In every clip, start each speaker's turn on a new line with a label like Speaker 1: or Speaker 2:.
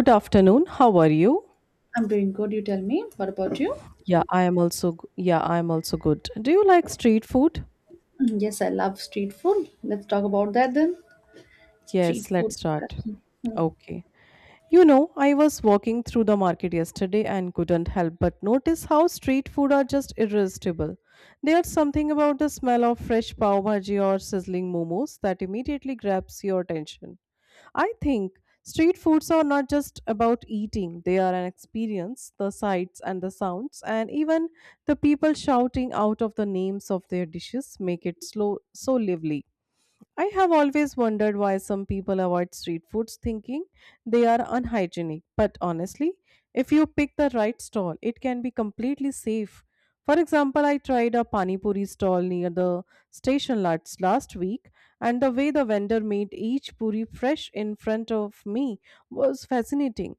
Speaker 1: Good afternoon. How are you?
Speaker 2: I'm doing good, you tell me. What about you?
Speaker 1: Yeah, I am also good. Do you like street food?
Speaker 2: Mm, yes, I love street food. Let's talk about that then. Street
Speaker 1: Yes, let's
Speaker 2: food
Speaker 1: start.
Speaker 2: discussion. Mm.
Speaker 1: Okay. You know, I was walking through the market yesterday and couldn't help but notice how street food are just irresistible. There's something about the smell of fresh pav bhaji or sizzling momos that immediately grabs your attention. I think street foods are not just about eating, they are an experience, the sights and the sounds, and even the people shouting out of the names of their dishes make it slow, so lively. I have always wondered why some people avoid street foods thinking they are unhygienic. But honestly, if you pick the right stall, it can be completely safe. For example, I tried a pani puri stall near the station last week, and the way the vendor made each puri fresh in front of me was fascinating.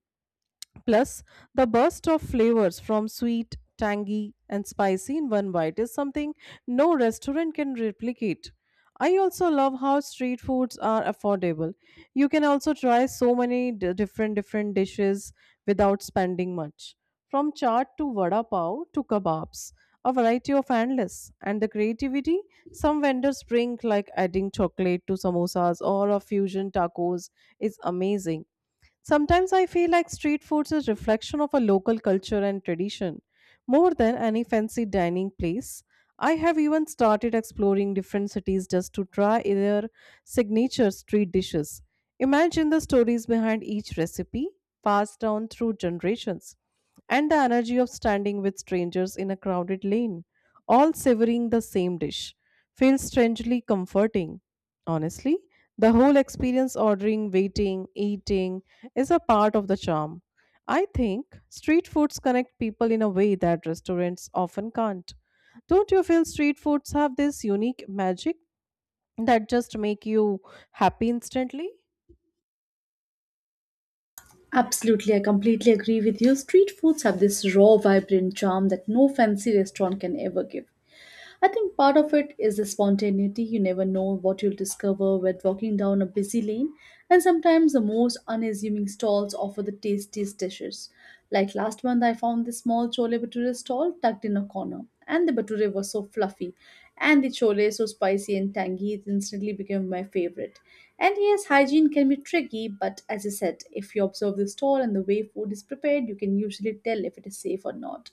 Speaker 1: Plus, the burst of flavors from sweet, tangy, and spicy in one bite is something no restaurant can replicate. I also love how street foods are affordable. You can also try so many different dishes without spending much. From chaat to vada pav to kebabs, a variety of endless. And the creativity some vendors bring, like adding chocolate to samosas or a fusion tacos, is amazing. Sometimes I feel like street food is a reflection of a local culture and tradition more than any fancy dining place. I have even started exploring different cities just to try their signature street dishes. Imagine the stories behind each recipe passed down through generations and the energy of standing with strangers in a crowded lane, all savoring the same dish, feels strangely comforting. Honestly, the whole experience ordering, waiting, eating is a part of the charm. I think street foods connect people in a way that restaurants often can't. Don't you feel street foods have this unique magic that just make you happy instantly?
Speaker 2: Absolutely, I completely agree with you. Street foods have this raw, vibrant charm that no fancy restaurant can ever give. I think part of it is the spontaneity. You never know what you'll discover when walking down a busy lane, and sometimes the most unassuming stalls offer the tastiest dishes. Like last month, I found this small chole bhature stall tucked in a corner, and the bhature was so fluffy, and the chole so spicy and tangy, it instantly became my favorite. And yes, hygiene can be tricky, but as I said, if you observe the stall and the way food is prepared, you can usually tell if it is safe or not.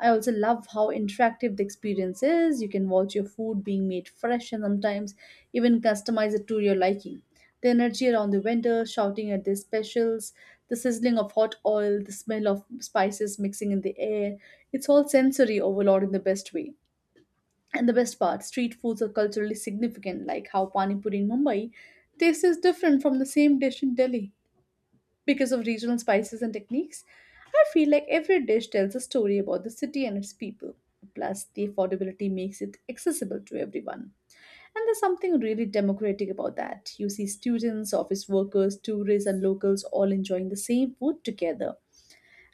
Speaker 2: I also love how interactive the experience is. You can watch your food being made fresh and sometimes even customize it to your liking. The energy around the vendor, shouting at their specials, the sizzling of hot oil, the smell of spices mixing in the air. It's all sensory overload in the best way. And the best part, street foods are culturally significant, like how Pani Puri in Mumbai tastes different from the same dish in Delhi. Because of regional spices and techniques, I feel like every dish tells a story about the city and its people. Plus, the affordability makes it accessible to everyone. And there's something really democratic about that. You see students, office workers, tourists, and locals all enjoying the same food together.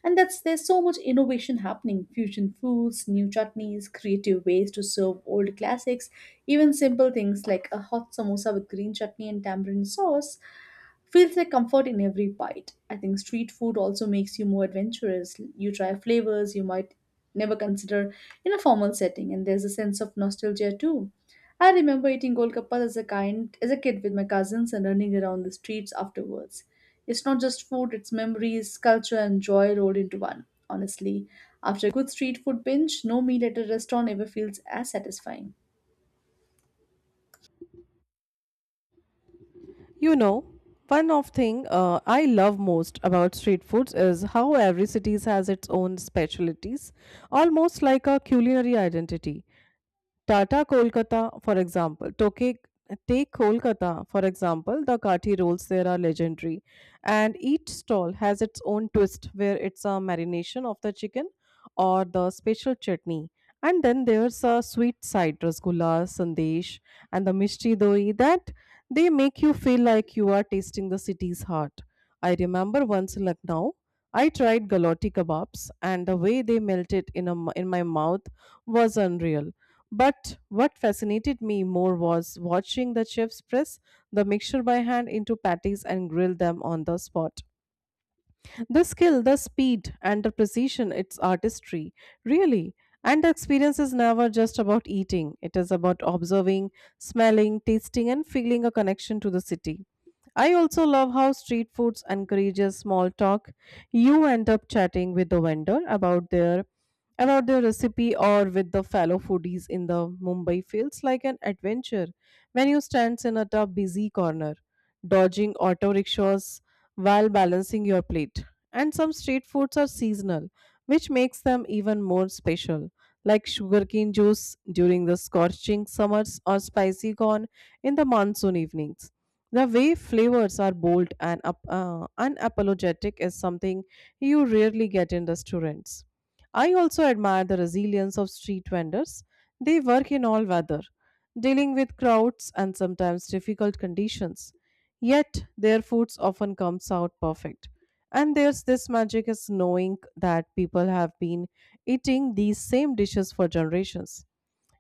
Speaker 2: And that's there's so much innovation happening, fusion foods, new chutneys, creative ways to serve old classics, even simple things like a hot samosa with green chutney and tamarind sauce feels like comfort in every bite. I think street food also makes you more adventurous. You try flavors you might never consider in a formal setting, and there's a sense of nostalgia too. I remember eating golgappas as a kid with my cousins and running around the streets afterwards. It's not just food, it's memories, culture, and joy rolled into one. Honestly, after a good street food binge, no meal at a restaurant ever feels as satisfying.
Speaker 1: You know, one of thing I love most about street foods is how every cities has its own specialties, almost like a culinary identity. Tata Kolkata, for example, Toke, Take Kolkata, for example, the kathi rolls there are legendary. And each stall has its own twist where it's a marination of the chicken or the special chutney. And then there's a sweet side, rasgulla, sandesh, and the mishti doi that they make you feel like you are tasting the city's heart. I remember once in Lucknow. I tried galotti kebabs, and the way they melted in, a m in my mouth was unreal. But what fascinated me more was watching the chefs press the mixture by hand into patties and grill them on the spot. The skill, the speed, and the precision, it's artistry, really. And the experience is never just about eating, it is about observing, smelling, tasting, and feeling a connection to the city. I also love how street foods encourages small talk. You end up chatting with the vendor about their recipe or with the fellow foodies in the Mumbai feels like an adventure when you stands in a tough busy corner, dodging auto rickshaws while balancing your plate. And some street foods are seasonal, which makes them even more special, like sugarcane juice during the scorching summers or spicy corn in the monsoon evenings. The way flavors are bold and unapologetic is something you rarely get in restaurants. I also admire the resilience of street vendors. They work in all weather, dealing with crowds and sometimes difficult conditions. Yet their foods often comes out perfect and there's this magic is knowing that people have been eating these same dishes for generations.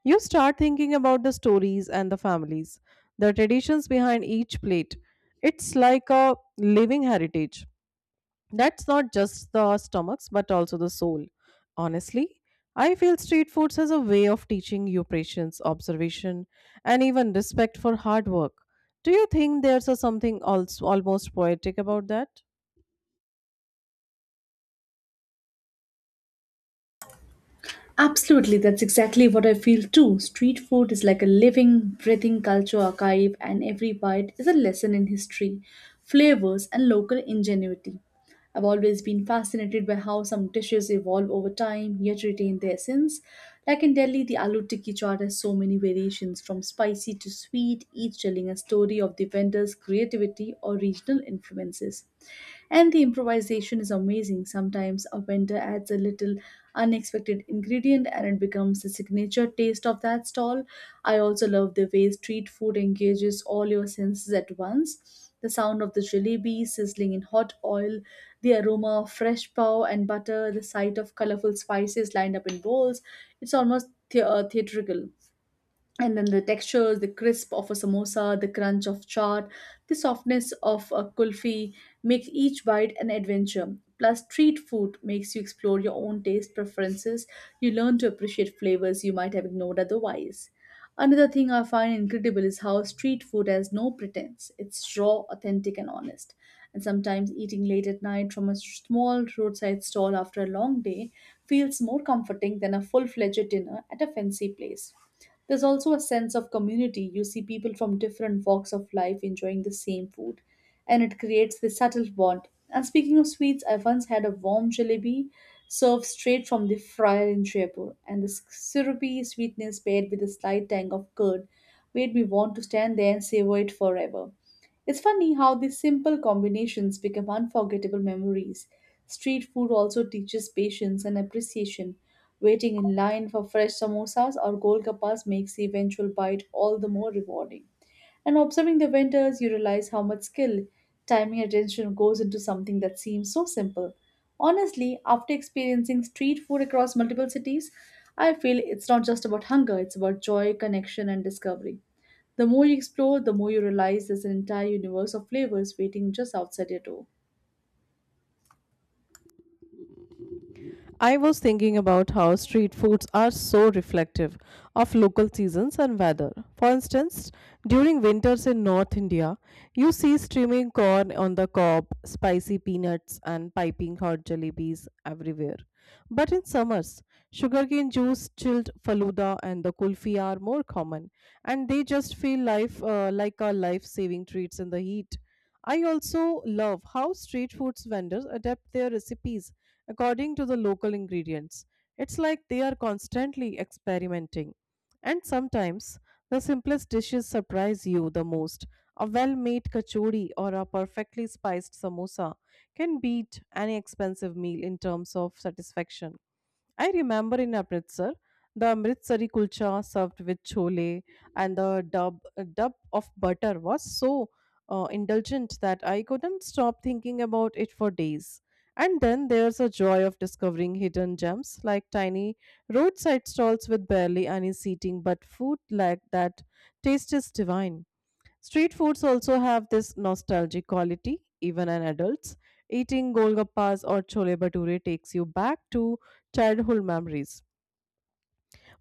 Speaker 1: You start thinking about the stories and the families, the traditions behind each plate. It's like a living heritage. That's not just the stomachs, but also the soul. Honestly, I feel street foods as a way of teaching you patience, observation, and even respect for hard work. Do you think there's a something also almost poetic about that?
Speaker 2: Absolutely, that's exactly what I feel too. Street food is like a living, breathing culture archive, and every bite is a lesson in history, flavors, and local ingenuity. I've always been fascinated by how some dishes evolve over time yet retain their essence. Like in Delhi, the aloo tikki chaat has so many variations from spicy to sweet, each telling a story of the vendor's creativity or regional influences. And the improvisation is amazing. Sometimes a vendor adds a little unexpected ingredient and it becomes the signature taste of that stall. I also love the way street food engages all your senses at once. The sound of the jalebi sizzling in hot oil, the aroma of fresh pav and butter, the sight of colorful spices lined up in bowls. It's almost theatrical, and then the textures, the crisp of a samosa, the crunch of chaat, the softness of a kulfi make each bite an adventure. Plus, street food makes you explore your own taste preferences. You learn to appreciate flavors you might have ignored otherwise. Another thing I find incredible is how street food has no pretense. It's raw, authentic, and honest. And sometimes eating late at night from a small roadside stall after a long day feels more comforting than a full-fledged dinner at a fancy place. There's also a sense of community. You see people from different walks of life enjoying the same food, and it creates this subtle bond. And speaking of sweets, I once had a warm jalebi served straight from the fryer in Jaipur, and the syrupy sweetness paired with a slight tang of curd made me want to stand there and savor it forever. It's funny how these simple combinations become unforgettable memories. Street food also teaches patience and appreciation. Waiting in line for fresh samosas or golgappas makes the eventual bite all the more rewarding. And observing the vendors, you realize how much skill, timing, and attention goes into something that seems so simple. Honestly, after experiencing street food across multiple cities, I feel it's not just about hunger, it's about joy, connection, and discovery. The more you explore, the more you realize there's an entire universe of flavors waiting just outside your door.
Speaker 1: I was thinking about how street foods are so reflective of local seasons and weather. For instance, during winters in North India, you see streaming corn on the cob, spicy peanuts, and piping hot jalebis everywhere. But in summers, sugarcane juice, chilled faluda, and the kulfi are more common, and they just feel life like a life-saving treats in the heat. I also love how street foods vendors adapt their recipes according to the local ingredients. It's like they are constantly experimenting. And sometimes the simplest dishes surprise you the most. A well made kachori or a perfectly spiced samosa can beat any expensive meal in terms of satisfaction. I remember in Amritsar, the Amritsari kulcha served with chole and the dub of butter was so indulgent that I couldn't stop thinking about it for days. And then there's a joy of discovering hidden gems like tiny roadside stalls with barely any seating, but food like that taste is divine. Street foods also have this nostalgic quality, even in adults. Eating golgappas or chole bhature takes you back to childhood memories.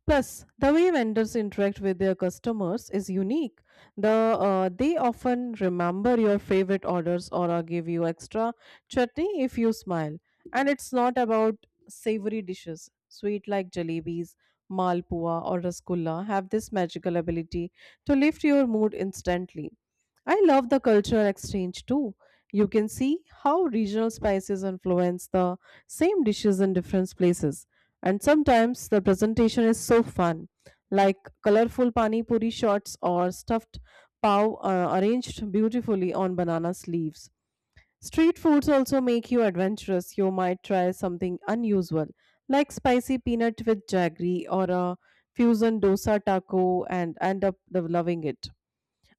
Speaker 1: Plus, the way vendors interact with their customers is unique. They often remember your favorite orders or give you extra chutney if you smile. And it's not about savory dishes. Sweet like jalebis, malpua, or rasgulla have this magical ability to lift your mood instantly. I love the cultural exchange too. You can see how regional spices influence the same dishes in different places. And sometimes the presentation is so fun, like colorful pani puri shots or stuffed pav arranged beautifully on banana sleeves. Street foods also make you adventurous. You might try something unusual, like spicy peanut with jaggery or a fusion dosa taco and end up loving it.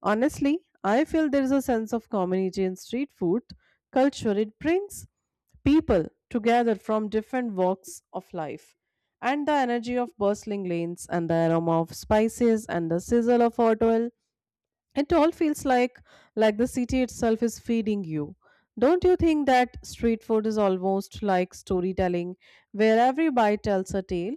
Speaker 1: Honestly, I feel there is a sense of community in street food culture. It brings people together from different walks of life. And the energy of bustling lanes and the aroma of spices and the sizzle of hot oil, it all feels like the city itself is feeding you. Don't you think that street food is almost like storytelling where every bite tells a tale?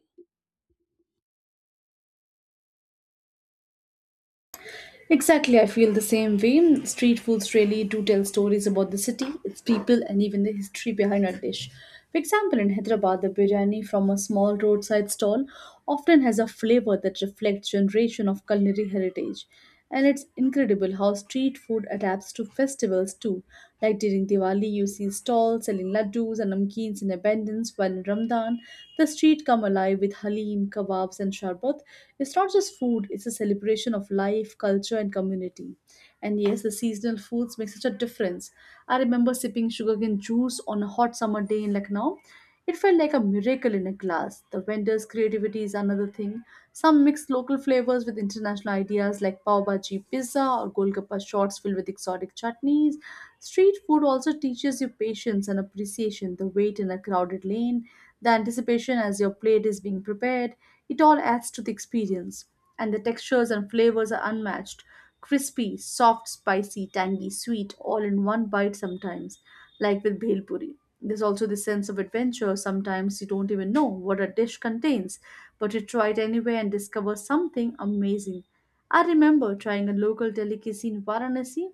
Speaker 2: Exactly, I feel the same way. Street foods really do tell stories about the city, its people, and even the history behind a dish. For example, in Hyderabad, the biryani from a small roadside stall often has a flavor that reflects generation of culinary heritage. And it's incredible how street food adapts to festivals too. Like during Diwali, you see stalls selling laddus and namkeens in abundance, while in Ramadan, the street come alive with halim, kebabs, and sharbat. It's not just food, it's a celebration of life, culture, and community. And yes, the seasonal foods make such a difference. I remember sipping sugarcane juice on a hot summer day in Lucknow. It felt like a miracle in a glass. The vendors' creativity is another thing. Some mixed local flavors with international ideas like pav bhaji pizza or golgappa shots filled with exotic chutneys. Street food also teaches you patience and appreciation, the wait in a crowded lane, the anticipation as your plate is being prepared. It all adds to the experience. And the textures and flavors are unmatched, crispy, soft, spicy, tangy, sweet, all in one bite sometimes, like with bhel puri. There's also this sense of adventure. Sometimes you don't even know what a dish contains, but you try it anyway and discover something amazing. I remember trying a local delicacy in Varanasi,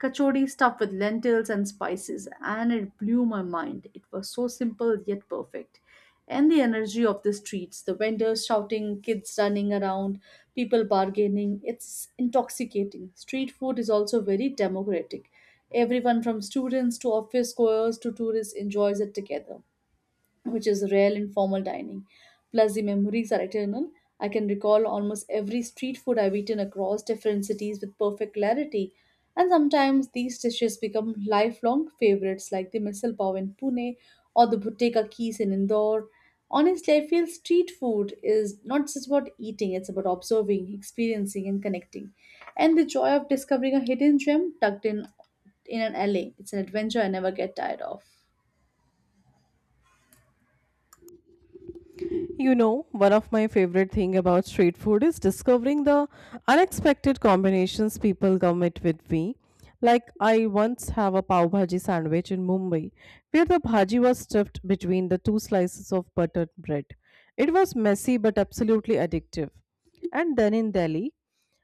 Speaker 2: kachodi stuffed with lentils and spices, and it blew my mind. It was so simple yet perfect. And the energy of the streets, the vendors shouting, kids running around, people bargaining, it's intoxicating. Street food is also very democratic. Everyone from students to office goers to tourists enjoys it together, which is rare in formal dining. Plus, the memories are eternal. I can recall almost every street food I've eaten across different cities with perfect clarity. And sometimes these dishes become lifelong favorites, like the misal pav in Pune or the bhutteka keys in Indore. Honestly, I feel street food is not just about eating, it's about observing, experiencing, and connecting. And the joy of discovering a hidden gem tucked in an alley. It's an adventure I never get tired of.
Speaker 1: You know, one of my favorite thing about street food is discovering the unexpected combinations people come it with me. Like I once have a pav bhaji sandwich in Mumbai, where the bhaji was stuffed between the two slices of buttered bread. It was messy but absolutely addictive. And then in Delhi,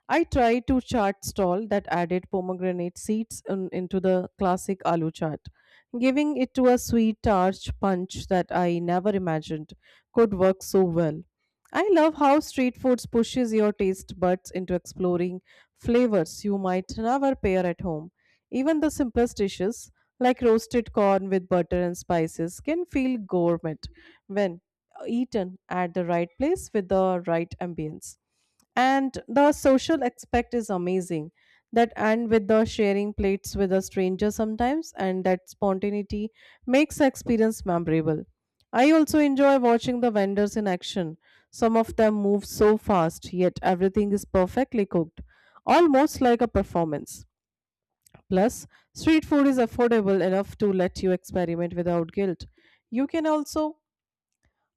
Speaker 1: I tried to chaat stall that added pomegranate seeds into the classic aloo chaat, giving it to a sweet tarch punch that I never imagined could work so well. I love how street foods pushes your taste buds into exploring flavors you might never pair at home. Even the simplest dishes like roasted corn with butter and spices can feel gourmet when eaten at the right place with the right ambience, and the social aspect is amazing, that and with the sharing plates with a stranger sometimes, and that spontaneity makes the experience memorable. I also enjoy watching the vendors in action. Some of them move so fast yet everything is perfectly cooked, almost like a performance. Plus, street food is affordable enough to let you experiment without guilt. you can also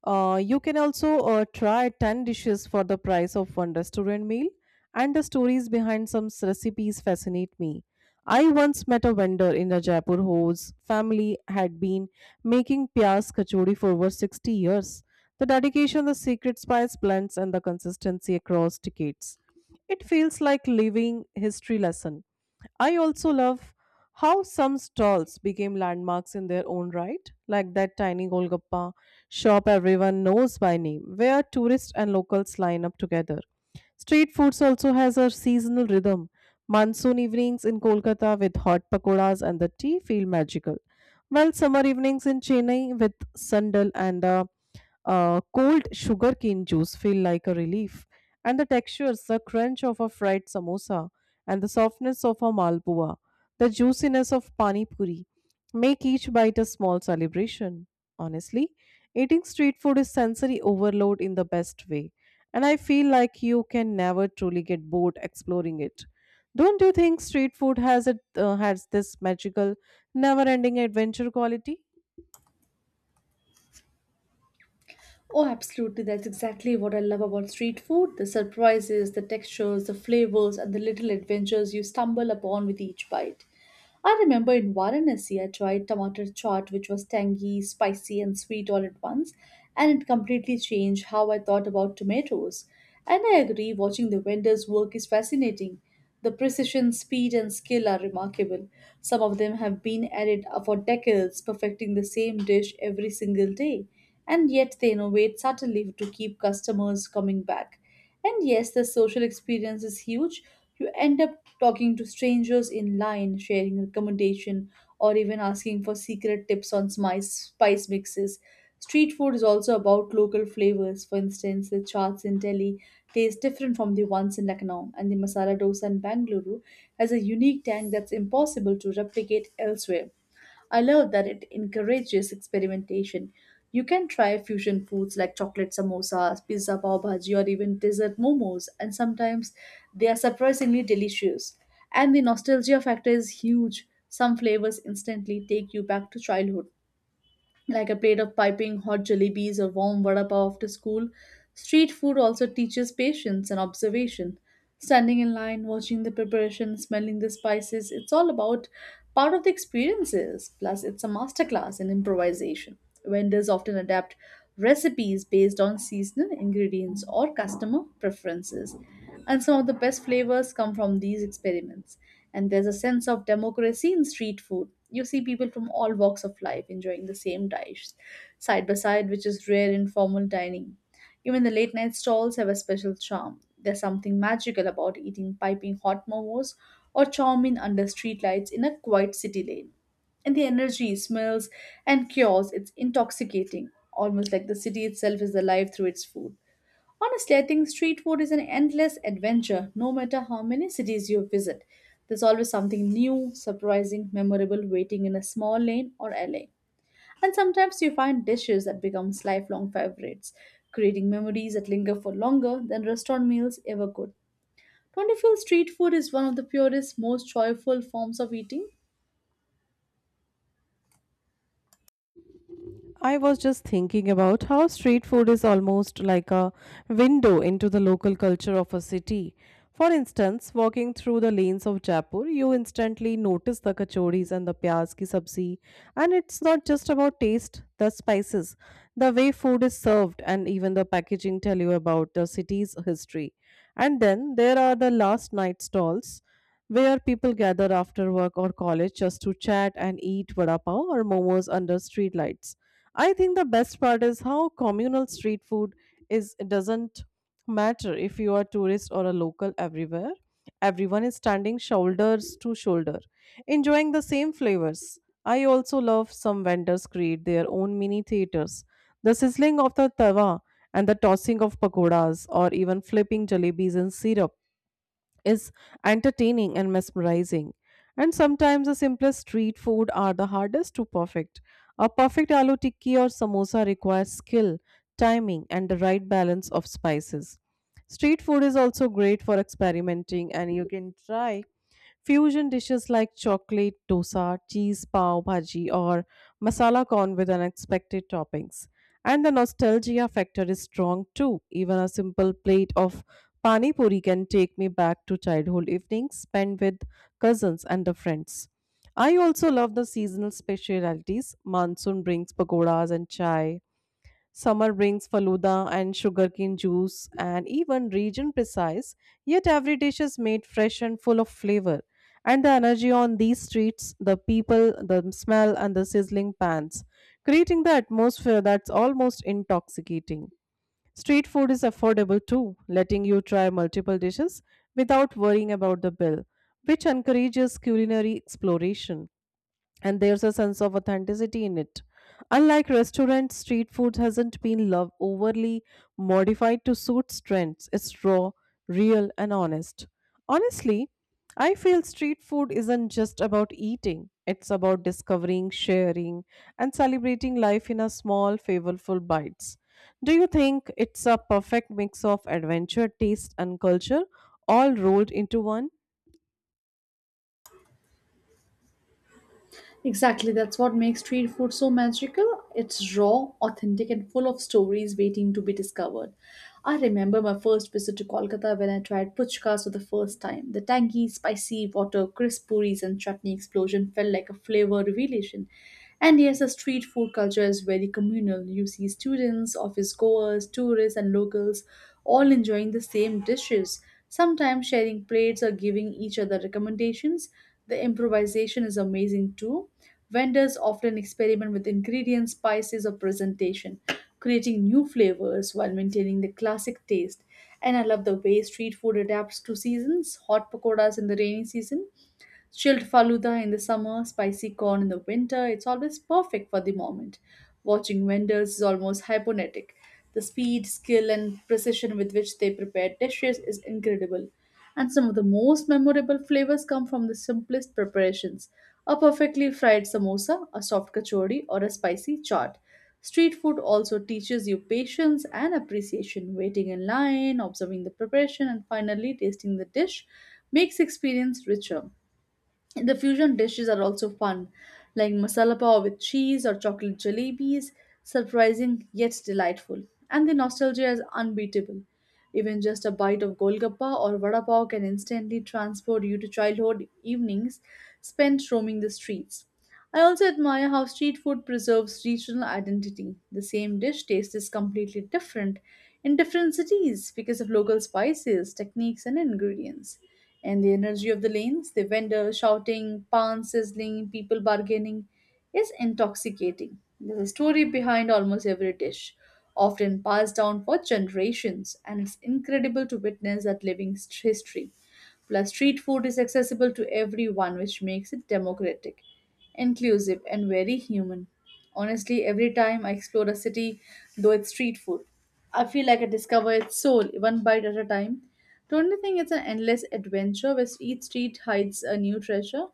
Speaker 1: uh, you can also uh, try 10 dishes for the price of one restaurant meal, and the stories behind some recipes fascinate me. I once met a vendor in Jaipur whose family had been making pyas kachori for over 60 years. The dedication, the secret spice blends, and the consistency across decades. It feels like living history lesson. I also love how some stalls became landmarks in their own right, like that tiny Golgappa shop everyone knows by name, where tourists and locals line up together. Street foods also has a seasonal rhythm. Monsoon evenings in Kolkata with hot pakoras and the tea feel magical, while summer evenings in Chennai with sandal and the cold sugarcane juice feel like a relief, and the textures, the crunch of a fried samosa, and the softness of a malpua, the juiciness of pani puri, make each bite a small celebration. Honestly, eating street food is sensory overload in the best way, and I feel like you can never truly get bored exploring it. Don't you think street food has this magical, never-ending adventure quality?
Speaker 2: Oh, absolutely. That's exactly what I love about street food, the surprises, the textures, the flavors, and the little adventures you stumble upon with each bite. I remember in Varanasi, I tried tomato chaat, which was tangy, spicy, and sweet all at once, and it completely changed how I thought about tomatoes. And I agree, watching the vendors work is fascinating. The precision, speed, and skill are remarkable. Some of them have been at it for decades, perfecting the same dish every single day. And yet they innovate subtly to keep customers coming back. And yes, the social experience is huge. You end up talking to strangers in line, sharing recommendation, or even asking for secret tips on spice mixes. Street food is also about local flavors. For instance, the chaats in Delhi taste different from the ones in Lucknow, and the masala dosa in Bangalore has a unique tang that's impossible to replicate elsewhere. I love that it encourages experimentation. You can try fusion foods like chocolate samosas, pizza pav bhaji, or even dessert momos, and sometimes they are surprisingly delicious. And the nostalgia factor is huge. Some flavors instantly take you back to childhood, like a plate of piping hot jalebis or warm vada pav after school. Street food also teaches patience and observation. Standing in line, watching the preparation, smelling the spices, it's all about part of the experiences. Plus, it's a masterclass in improvisation. Vendors often adapt recipes based on seasonal ingredients or customer preferences. And some of the best flavors come from these experiments. And there's a sense of democracy in street food. You see people from all walks of life enjoying the same dish side by side, which is rare in formal dining. Even the late night stalls have a special charm. There's something magical about eating piping hot momos or chow mein under streetlights in a quiet city lane. And the energy, smells, and cures, it's intoxicating, almost like the city itself is alive through its food. Honestly, I think street food is an endless adventure, no matter how many cities you visit. There's always something new, surprising, memorable waiting in a small lane or alley. And sometimes you find dishes that becomes lifelong favorites, creating memories that linger for longer than restaurant meals ever could. Don't you feel street food is one of the purest, most joyful forms of eating?
Speaker 1: I was just thinking about how street food is almost like a window into the local culture of a city. For instance, walking through the lanes of Jaipur, you instantly notice the kachoris and the pyaz ki sabzi. And it's not just about taste, the spices, the way food is served, and even the packaging tell you about the city's history. And then there are the last night stalls where people gather after work or college just to chat and eat vada pav or momos under streetlights. I think the best part is how communal street food is, it doesn't matter if you are tourist or a local everywhere. Everyone is standing shoulders to shoulder, enjoying the same flavors. I also love some vendors create their own mini theaters. The sizzling of the tawa and the tossing of pakoras or even flipping jalebis in syrup is entertaining and mesmerizing. And sometimes the simplest street food are the hardest to perfect. A perfect aloo tikki or samosa requires skill, timing, and the right balance of spices. Street food is also great for experimenting, and you can try fusion dishes like chocolate dosa, cheese pav bhaji, or masala corn with unexpected toppings. And the nostalgia factor is strong too. Even a simple plate of pani puri can take me back to childhood evenings spent with cousins and the friends. I also love the seasonal specialities. Monsoon brings pakoras and chai, summer brings falooda and sugarcane juice and even region precise, yet every dish is made fresh and full of flavor. And the energy on these streets, the people, the smell, and the sizzling pans, creating the atmosphere that's almost intoxicating. Street food is affordable too, letting you try multiple dishes without worrying about the bill, which encourages culinary exploration and there's a sense of authenticity in it. Unlike restaurants, street food hasn't been love overly modified to suit trends. It's raw, real, and honest. Honestly, I feel street food isn't just about eating. It's about discovering, sharing, and celebrating life in a small, flavorful bites. Do you think it's a perfect mix of adventure, taste, and culture, all rolled into one?
Speaker 2: Exactly, that's what makes street food so magical. It's raw, authentic, and full of stories waiting to be discovered. I remember my first visit to Kolkata when I tried puchkas for the first time. The tangy, spicy water, crisp puris, and chutney explosion felt like a flavor revelation. And yes, the street food culture is very communal. You see students, office goers, tourists, and locals all enjoying the same dishes. Sometimes sharing plates or giving each other recommendations. The improvisation is amazing too. Vendors often experiment with ingredients, spices, or presentation, creating new flavors while maintaining the classic taste. And I love the way street food adapts to seasons, hot pakoras in the rainy season, chilled faluda in the summer, spicy corn in the winter, it's always perfect for the moment. Watching vendors is almost hypnotic. The speed, skill, and precision with which they prepare dishes is incredible. And some of the most memorable flavors come from the simplest preparations, a perfectly fried samosa, a soft kachori, or a spicy chaat. Street food also teaches you patience and appreciation. Waiting in line, observing the preparation, and finally tasting the dish makes experience richer. The fusion dishes are also fun, like masala pav with cheese or chocolate jalebis, surprising yet delightful. And the nostalgia is unbeatable. Even just a bite of golgappa or vada pav can instantly transport you to childhood evenings spent roaming the streets. I also admire how street food preserves regional identity. The same dish tastes completely different in different cities because of local spices, techniques, and ingredients. And the energy of the lanes, the vendors shouting, pans sizzling, people bargaining, is intoxicating. There's a story behind almost every dish, often passed down for generations, and it's incredible to witness that living history. Plus, street food is accessible to everyone, which makes it democratic, inclusive, and very human. Honestly, every time I explore a city, though it's street food, I feel like I discover its soul one bite at a time. Don't you think it's an endless adventure where each street hides a new treasure?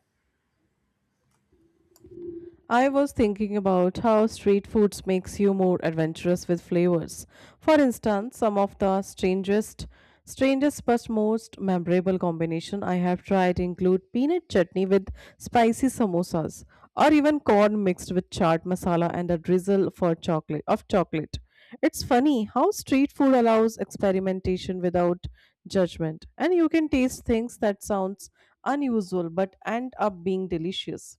Speaker 1: I was thinking about how street foods makes you more adventurous with flavors. For instance, some of the strangest but most memorable combination I have tried include peanut chutney with spicy samosas or even corn mixed with chaat masala and a drizzle for chocolate of chocolate. It's funny how street food allows experimentation without judgment and you can taste things that sounds unusual but end up being delicious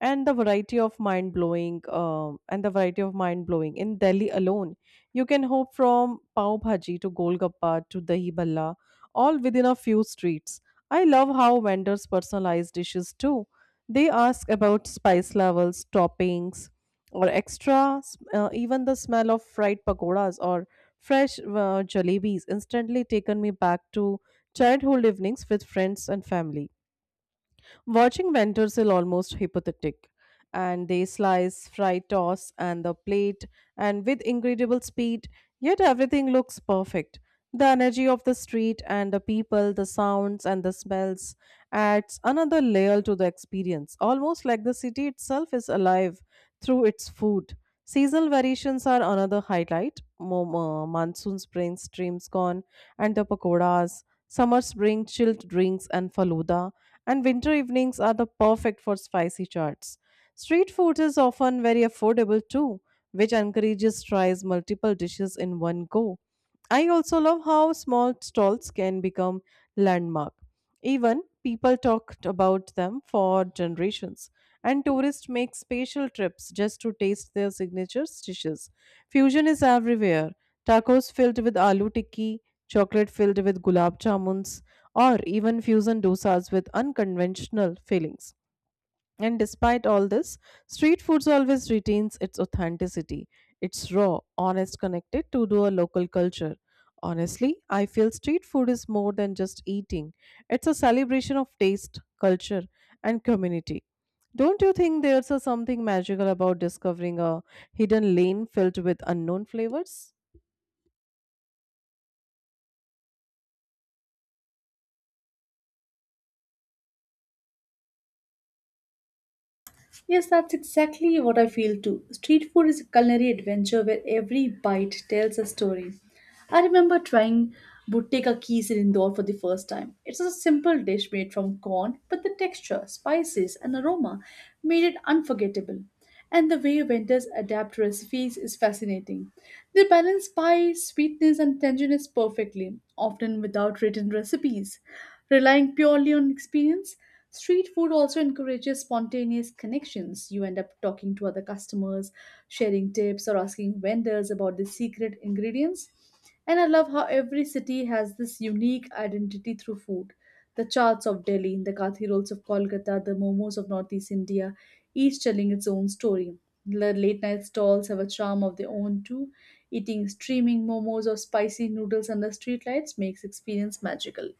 Speaker 1: and the variety of mind blowing in Delhi alone. You can hope from pav bhaji to golgappa to dahi bhalla, all within a few streets. I love how vendors personalize dishes too. They ask about spice levels, toppings, or extra. Even the smell of fried pakoras or fresh jalebis instantly taken me back to childhood evenings with friends and family. Watching vendors is almost hypothetic, and they slice, fry, toss, and the plate, and with incredible speed, yet everything looks perfect. The energy of the street and the people, the sounds and the smells adds another layer to the experience, almost like the city itself is alive through its food. Seasonal variations are another highlight. Monsoons bring streams corn and the pakoras. Summers bring chilled drinks and faluda and winter evenings are the perfect for spicy chats. Street food is often very affordable too, which encourages tries multiple dishes in one go. I also love how small stalls can become landmark even people talked about them for generations, and tourists make special trips just to taste their signature dishes. Fusion is everywhere, tacos filled with aloo tikki, chocolate filled with gulab jamuns, or even fusion dosas with unconventional fillings. And despite all this, street foods always retains its authenticity. It's raw, honest, connected to do a local culture. Honestly, I feel street food is more than just eating. It's a celebration of taste, culture, and community. Don't you think there's a something magical about discovering a hidden lane filled with unknown flavors?
Speaker 2: Yes, that's exactly what I feel too. Street food is a culinary adventure where every bite tells a story. I remember trying buteka keys in Indore for the first time. It's a simple dish made from corn, but the texture, spices, and aroma made it unforgettable. And the way vendors adapt recipes is fascinating. They balance spice, sweetness, and tanginess perfectly, often without written recipes. Relying purely on experience, street food also encourages spontaneous connections. You end up talking to other customers, sharing tips, or asking vendors about the secret ingredients. And I love how every city has this unique identity through food. The charts of Delhi, the kathi rolls of Kolkata, the momos of Northeast India, each telling its own story. The late night stalls have a charm of their own too. Eating steaming momos or spicy noodles under streetlights makes experience magical.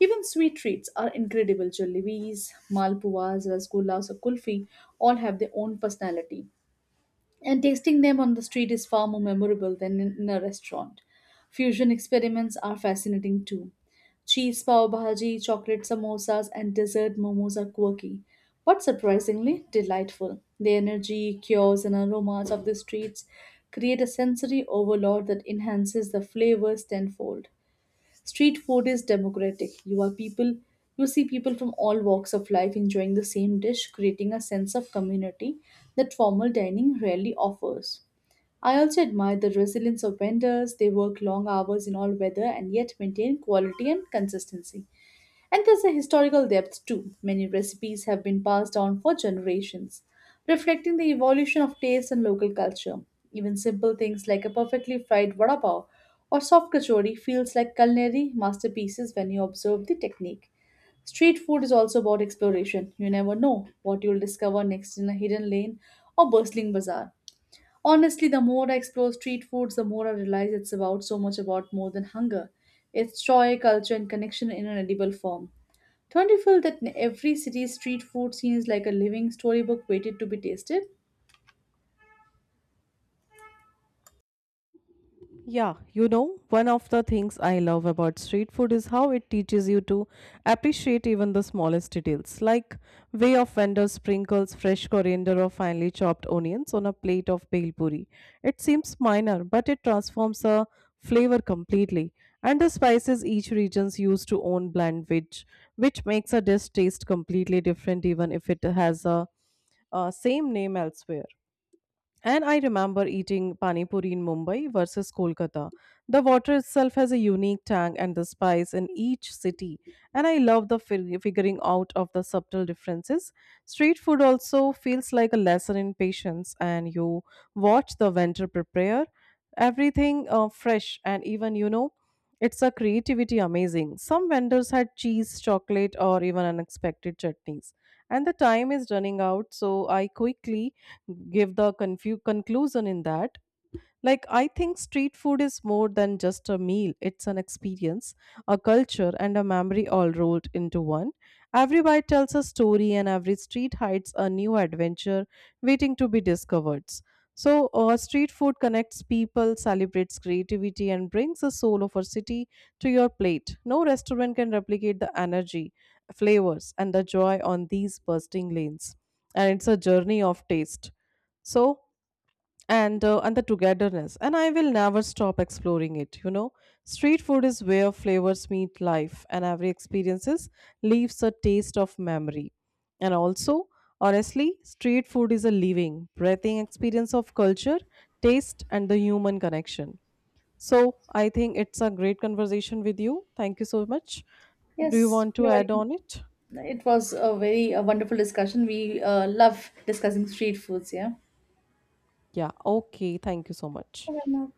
Speaker 2: Even sweet treats are incredible. Jalebis, malpuas, rasgullas, or kulfi all have their own personality, and tasting them on the street is far more memorable than in a restaurant. Fusion experiments are fascinating too. Cheese pav bhaji, chocolate samosas, and dessert momos are quirky, but surprisingly delightful. The energy, cures, and aromas of the streets create a sensory overload that enhances the flavors tenfold. Street food is democratic. You see people from all walks of life enjoying the same dish, creating a sense of community that formal dining rarely offers. I also admire the resilience of vendors. They work long hours in all weather and yet maintain quality and consistency. And there's a historical depth too. Many recipes have been passed down for generations, reflecting the evolution of taste and local culture. Even simple things like a perfectly fried vada pav or soft kachori feels like culinary masterpieces when you observe the technique. Street food is also about exploration. You never know what you'll discover next in a hidden lane or bustling bazaar. Honestly, the more I explore street foods, the more I realize it's about so much about more than hunger. It's joy, culture, and connection in an edible form. Don't you feel that in every city's street food scene is like a living storybook waited to be tasted?
Speaker 1: Yeah, you know, one of the things I love about street food is how it teaches you to appreciate even the smallest details, like way of vendor sprinkles fresh coriander or finely chopped onions on a plate of bhel puri. It seems minor, but it transforms a flavor completely. And the spices each region's used to own blend, which makes a dish taste completely different, even if it has a same name elsewhere. And I remember eating pani puri in Mumbai versus Kolkata. The water itself has a unique tang and the spice in each city, and I love the figuring out of the subtle differences. Street food also feels like a lesson in patience, and you watch the vendor prepare everything fresh and even you know it's a creativity amazing. Some vendors had cheese, chocolate, or even unexpected chutneys, and the time is running out, so I quickly give the conclusion in that, like, I think street food is more than just a meal, it's an experience, a culture, and a memory all rolled into one. Every bite tells a story, and every street hides a new adventure waiting to be discovered. So, street food connects people, celebrates creativity, and brings the soul of our city to your plate. No restaurant can replicate the energy, flavors, and the joy on these bursting lanes. And it's a journey of taste. So, and the togetherness, and I will never stop exploring it, you know, street food is where flavors meet life and every experiences leaves a taste of memory. And also, honestly, street food is a living breathing experience of culture, taste, and the human connection. So I think it's a great conversation with you, thank you so much. Do you
Speaker 2: Yes,
Speaker 1: want to
Speaker 2: you're
Speaker 1: add
Speaker 2: welcome.
Speaker 1: on it?
Speaker 2: It was a very wonderful discussion. We love discussing street foods, yeah?
Speaker 1: Yeah, okay, thank you so much.
Speaker 2: You're welcome.